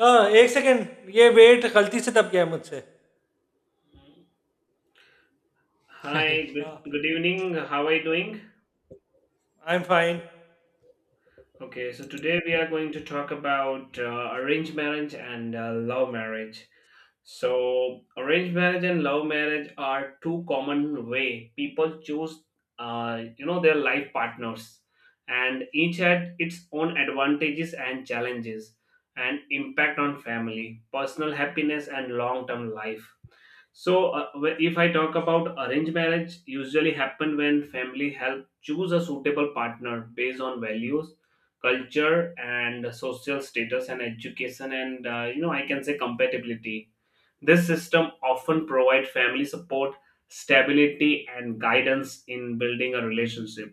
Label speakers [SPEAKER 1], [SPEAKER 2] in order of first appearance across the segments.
[SPEAKER 1] हाँ, 1 सेकंड ये वेट गलती से दब गया मुझसे।
[SPEAKER 2] Hi, good,
[SPEAKER 1] हाँ,
[SPEAKER 2] good evening. How are you doing?
[SPEAKER 1] I am fine.
[SPEAKER 2] Okay, so today we are going to talk about arranged marriage and love marriage. So, arranged marriage and love marriage are two common way people choose, their life partners, and each had its own advantages and challenges, and impact on family, personal happiness, and long-term life. So, if I talk about arranged marriage, usually happen when family help choose a suitable partner based on values, culture, and social status and education, and I can say compatibility. This system often provide family support, stability, and guidance in building a relationship,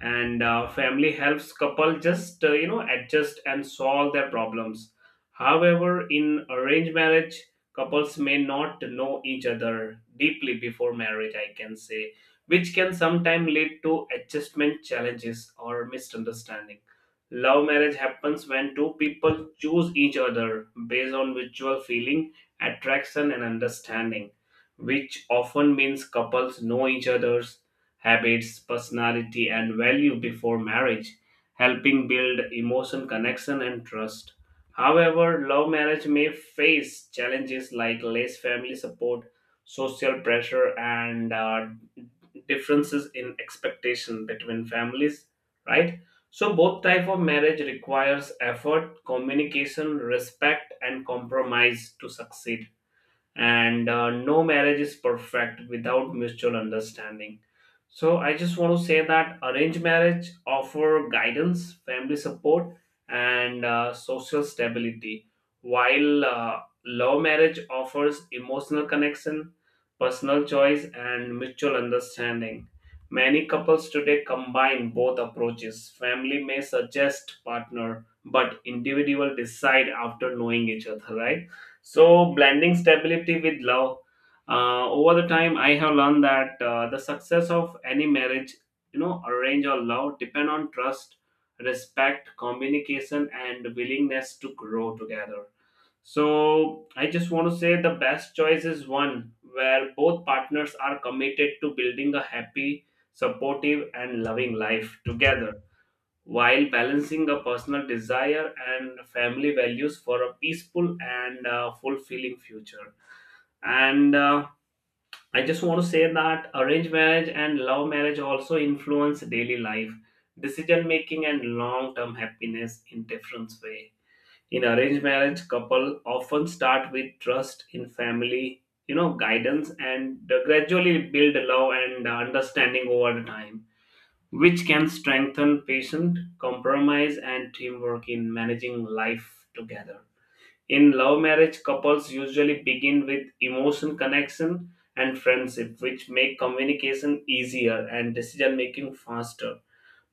[SPEAKER 2] and family helps couple just adjust and solve their problems. However, in arranged marriage couples may not know each other deeply before marriage, I can say, which can sometimes lead to adjustment challenges or misunderstanding. Love marriage happens when two people choose each other based on mutual feeling, attraction, and understanding, which often means couples know each other's habits, personality, and value before marriage, helping build emotion connection and trust. However, love marriage may face challenges like less family support, social pressure, and differences in expectation between families, right? So both type of marriage requires effort, communication, respect and compromise to succeed, and no marriage is perfect without mutual understanding. So I just want to say that arranged marriage offer guidance, family support, and social stability, while love marriage offers emotional connection, personal choice, and mutual understanding. Many couples today combine both approaches. Family may suggest partner but individual decide after knowing each other, right? So, blending stability with love. Over the time, I have learned that the success of any marriage, you know, arrange or love, depend on trust, respect, communication, and willingness to grow together. So, I just want to say the best choice is one where both partners are committed to building a happy, supportive, and loving life together, while balancing a personal desire and family values for a peaceful and fulfilling future. And I just want to say that arranged marriage and love marriage also influence daily life, decision making, and long term happiness in different way. In arranged marriage, couple often start with trust in family, you know, guidance, and gradually build love and understanding over the time, which can strengthen patient compromise, and teamwork in managing life together. In love marriage, couples usually begin with emotion connection and friendship, which make communication easier and decision making faster.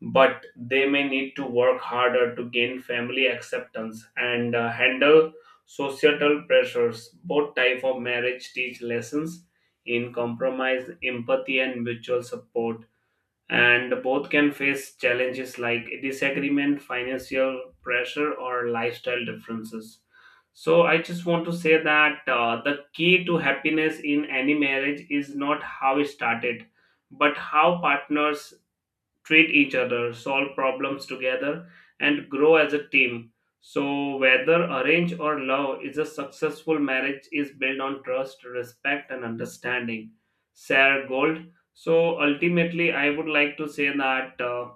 [SPEAKER 2] But they may need to work harder to gain family acceptance and handle societal pressures. Both type of marriage teach lessons in compromise, empathy, and mutual support, and both can face challenges like disagreement, financial pressure, or lifestyle differences. So, I just want to say that the key to happiness in any marriage is not how it started, but how partners treat each other, solve problems together, and grow as a team. So, whether arrange or love, is a successful marriage is built on trust, respect, and understanding. Sarah Gold. So, ultimately, I would like to say that.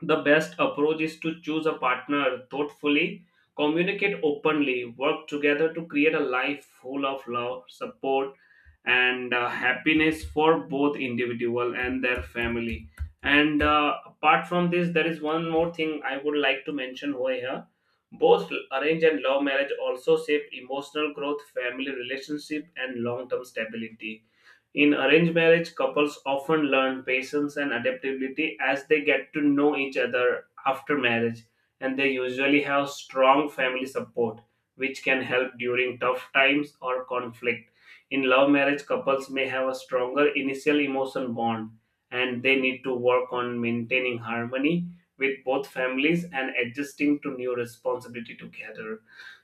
[SPEAKER 2] The best approach is to choose a partner thoughtfully, communicate openly, work together to create a life full of love, support, and happiness for both individual and their family. And Apart from this, there is one more thing I would like to mention over here. Both arranged and love marriage also shape emotional growth, family relationship, and long-term stability. In arranged marriage, couples often learn patience and adaptability as they get to know each other after marriage, and they usually have strong family support, which can help during tough times or conflict. In love marriage, couples may have a stronger initial emotion bond, and they need to work on maintaining harmony with both families and adjusting to new responsibility together.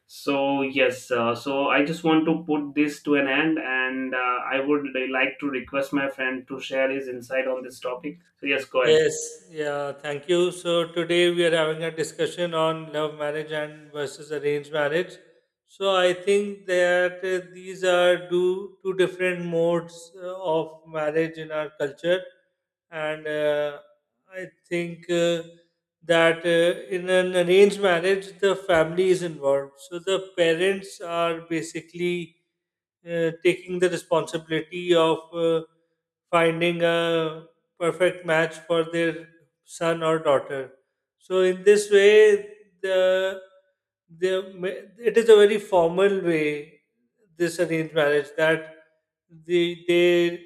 [SPEAKER 2] So yes, so I just want to put this to an end, and I would like to request my friend to share his insight on this topic. So yes, go ahead.
[SPEAKER 1] Yes, yeah, thank you. So today we are having a discussion on love marriage and versus arranged marriage. So I think that these are two different modes of marriage in our culture, and I think that in an arranged marriage, the family is involved. So the parents are basically taking the responsibility of finding a perfect match for their son or daughter. So in this way, the it is a very formal way, this arranged marriage, that they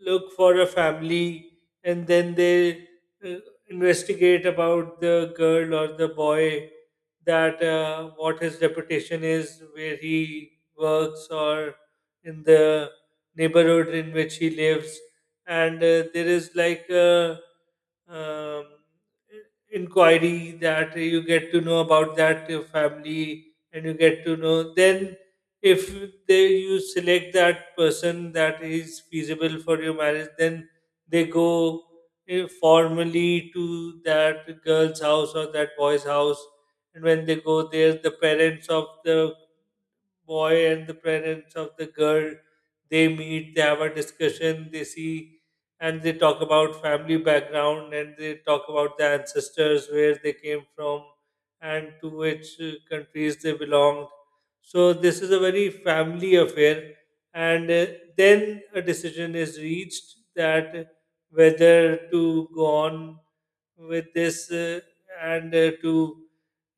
[SPEAKER 1] look for a family and then they uh, investigate about the girl or the boy, that what his reputation is, where he works, or in the neighborhood in which he lives. And there is like a um, inquiry that you get to know about that family, and you get to know then if they you select that person that is feasible for your marriage. Then they go formally to that girl's house or that boy's house, and when they go there, the parents of the boy and the parents of the girl, they meet, they have a discussion, they see, and they talk about family background, and they talk about their ancestors, where they came from and to which countries they belonged. So this is a very family affair, and then a decision is reached, that whether to go on with this and to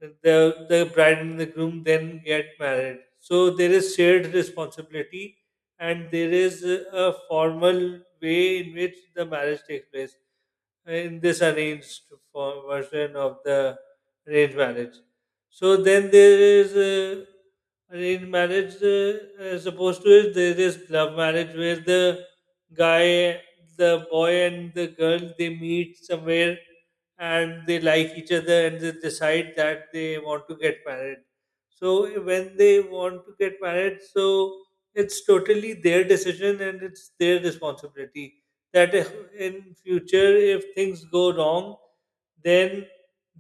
[SPEAKER 1] the bride and the groom then get married, so there is shared responsibility, and there is a formal way in which the marriage takes place in this arranged for version of the arranged marriage. So then there is arranged marriage, as opposed to it, there is love marriage, where the guy, boy and the girl, they meet somewhere and they like each other and they decide that they want to get married. So when they want to get married, so it's totally their decision and it's their responsibility, that if in future, if things go wrong, then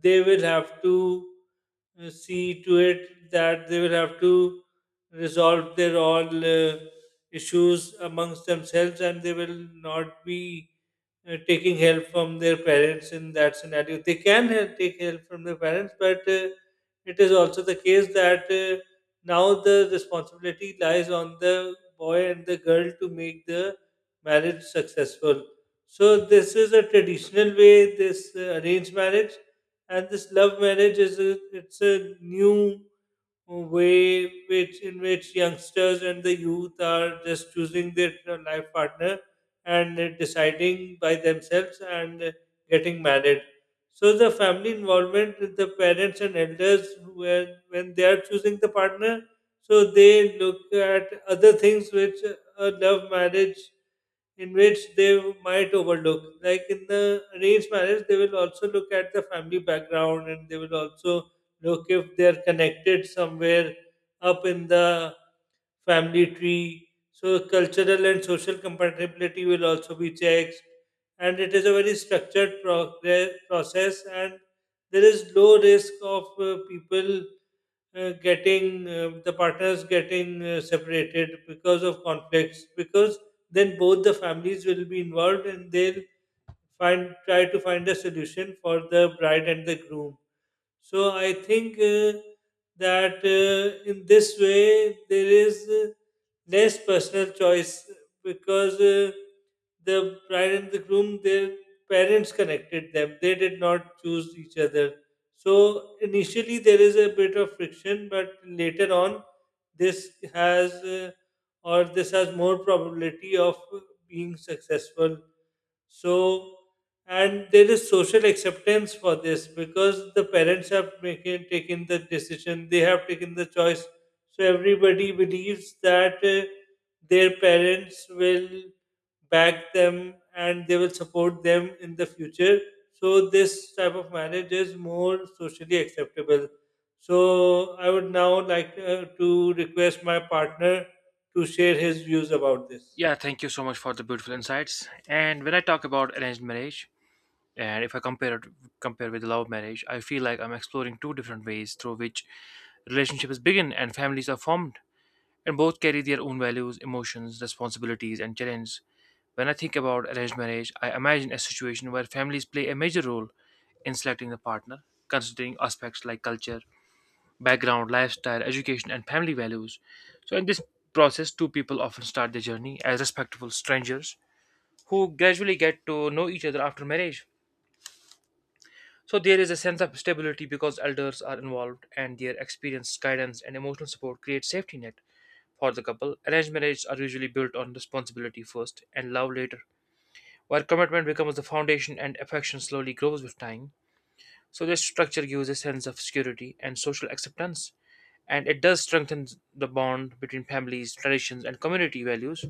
[SPEAKER 1] they will have to see to it that they will have to resolve their all issues amongst themselves, and they will not be taking help from their parents in that scenario. They can help, take help from their parents, but it is also the case that now the responsibility lies on the boy and the girl to make the marriage successful. So this is a traditional way, this arranged marriage, and this love marriage is it's a new way which in which youngsters and the youth are just choosing their life partner and deciding by themselves and getting married. So the family involvement with the parents and elders, where when they are choosing the partner, so they look at other things which a love marriage, in which they might overlook. Like in the arranged marriage, they will also look at the family background, and they will also look if they are connected somewhere up in the family tree. So cultural and social compatibility will also be checked. And it is a very structured process, and there is low risk of people getting the partners getting separated because of conflicts, because then both the families will be involved and they'll find try to find a solution for the bride and the groom. So I think that in this way there is less personal choice, because the bride and the groom, their parents connected them. They did not choose each other. So initially there is a bit of friction, but later on this has or this has more probability of being successful. So, and there is social acceptance for this, because the parents have taken the decision, they have taken the choice. So everybody believes that their parents will back them and they will support them in the future. So this type of marriage is more socially acceptable. So I would now like to request my partner to share his views about this.
[SPEAKER 3] Yeah, thank you so much for the beautiful insights. And when I talk about arranged marriage, and if I compare it compare with love marriage, I feel like I'm exploring two different ways through which relationships begin and families are formed, and both carry their own values, emotions, responsibilities, and challenges. When I think about arranged marriage, I imagine a situation where families play a major role in selecting a partner, considering aspects like culture, background, lifestyle, education, and family values. So, in this process, two people often start their journey as respectful strangers who gradually get to know each other after marriage. So, there is a sense of stability because elders are involved and their experience, guidance, and emotional support create safety net for the couple. Arranged marriages are usually built on responsibility first and love later, where commitment becomes the foundation and affection slowly grows with time. So, this structure gives a sense of security and social acceptance and it does strengthen the bond between families, traditions, and community values.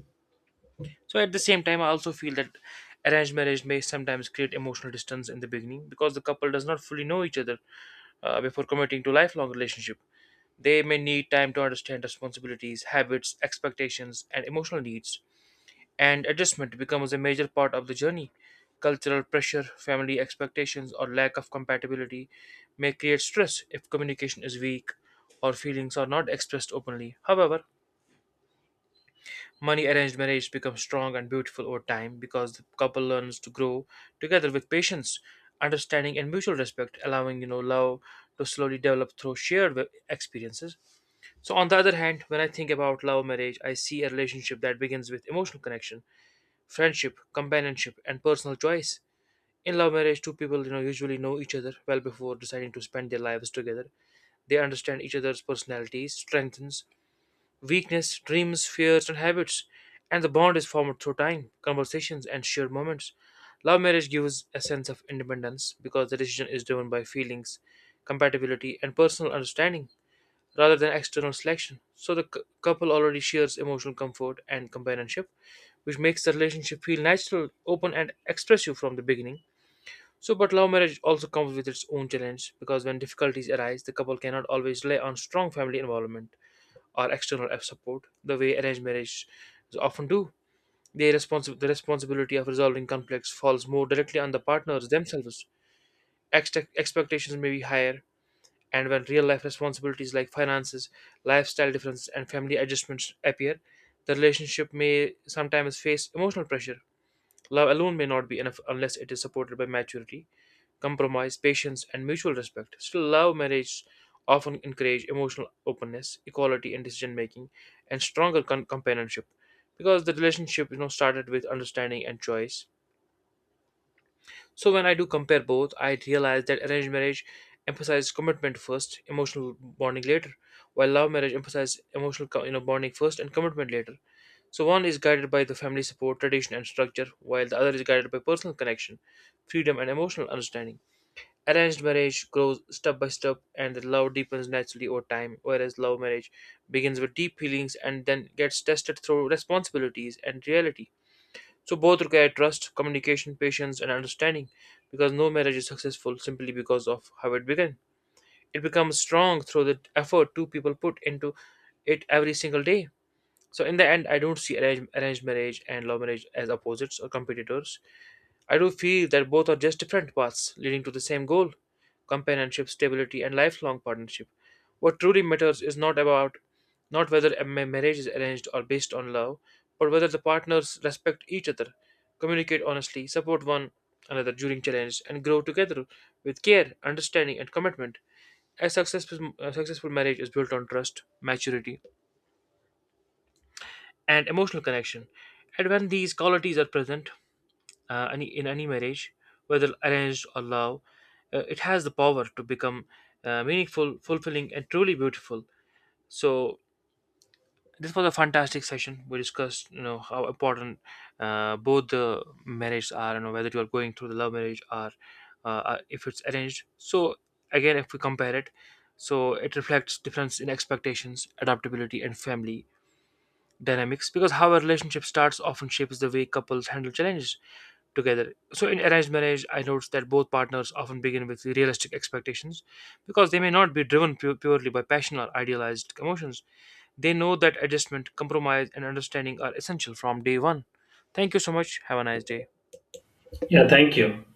[SPEAKER 3] So at the same time, I also feel that arranged marriage may sometimes create emotional distance in the beginning because the couple does not fully know each other before committing to lifelong relationship. They may need time to understand responsibilities, habits, expectations, and emotional needs and adjustment becomes a major part of the journey. Cultural pressure, family expectations, or lack of compatibility may create stress if communication is weak or feelings are not expressed openly. However, money arranged marriage becomes strong and beautiful over time because the couple learns to grow together with patience, understanding, and mutual respect, allowing love to slowly develop through shared experiences. So, on the other hand, when I think about love marriage, I see a relationship that begins with emotional connection friendship, companionship, and personal choice. In love marriage, two people usually know each other well before deciding to spend their lives together. They understand each other's personalities, strengths, weakness, dreams, fears, and habits, and the bond is formed through time, conversations, and shared moments. Love marriage gives a sense of independence because the decision is driven by feelings, compatibility, and personal understanding rather than external selection. So the couple already shares emotional comfort and companionship, which makes the relationship feel natural, open, and expressive from the beginning. So, but love marriage also comes with its own challenge because when difficulties arise, the couple cannot always rely on strong family involvement or external support the way arranged marriage often do. The responsibility of resolving conflicts falls more directly on the partners themselves. Expectations may be higher, and when real life responsibilities like finances, lifestyle differences, and family adjustments appear, the relationship may sometimes face emotional pressure. Love alone may not be enough unless it is supported by maturity, compromise, patience, and mutual respect. Still, love marriages often encourage emotional openness, equality in decision making, and stronger companionship because the relationship started with understanding and choice so when I do compare both, I realize that arranged marriage emphasizes commitment first, emotional bonding later, while love marriage emphasizes emotional bonding first and commitment later. So one is guided by the family support, tradition, and structure, while the other is guided by personal connection, freedom, and emotional understanding. Arranged marriage grows step by step, and the love deepens naturally over time, whereas love marriage begins with deep feelings and then gets tested through responsibilities and reality. So both require trust, communication, patience, and understanding because no marriage is successful simply because of how it began. It becomes strong through the effort two people put into it every single day. So in the end, I don't see arranged marriage and love marriage as opposites or competitors. I do feel that both are just different paths leading to the same goal companionship, stability, and lifelong partnership. What truly matters is not whether a marriage is arranged or based on love, but whether the partners respect each other, communicate honestly, support one another during challenges, and grow together with care, understanding, and commitment. A successful marriage is built on trust, maturity, and emotional connection. And when these qualities are present, any in any marriage, whether arranged or love, it has the power to become meaningful, fulfilling, and truly beautiful. So this was a fantastic session. We discussed, you know, how important both the marriages are, you know, whether you are going through the love marriage or if it's arranged. So again, if we compare it, so it reflects difference in expectations, adaptability, and family dynamics because how a relationship starts often shapes the way couples handle challenges together. So in arranged marriage, I noticed that both partners often begin with realistic expectations because they may not be driven purely by passion or idealized emotions. They know that adjustment, compromise, and understanding are essential from day one. Thank you so much. Have a nice day.
[SPEAKER 2] Yeah, thank you.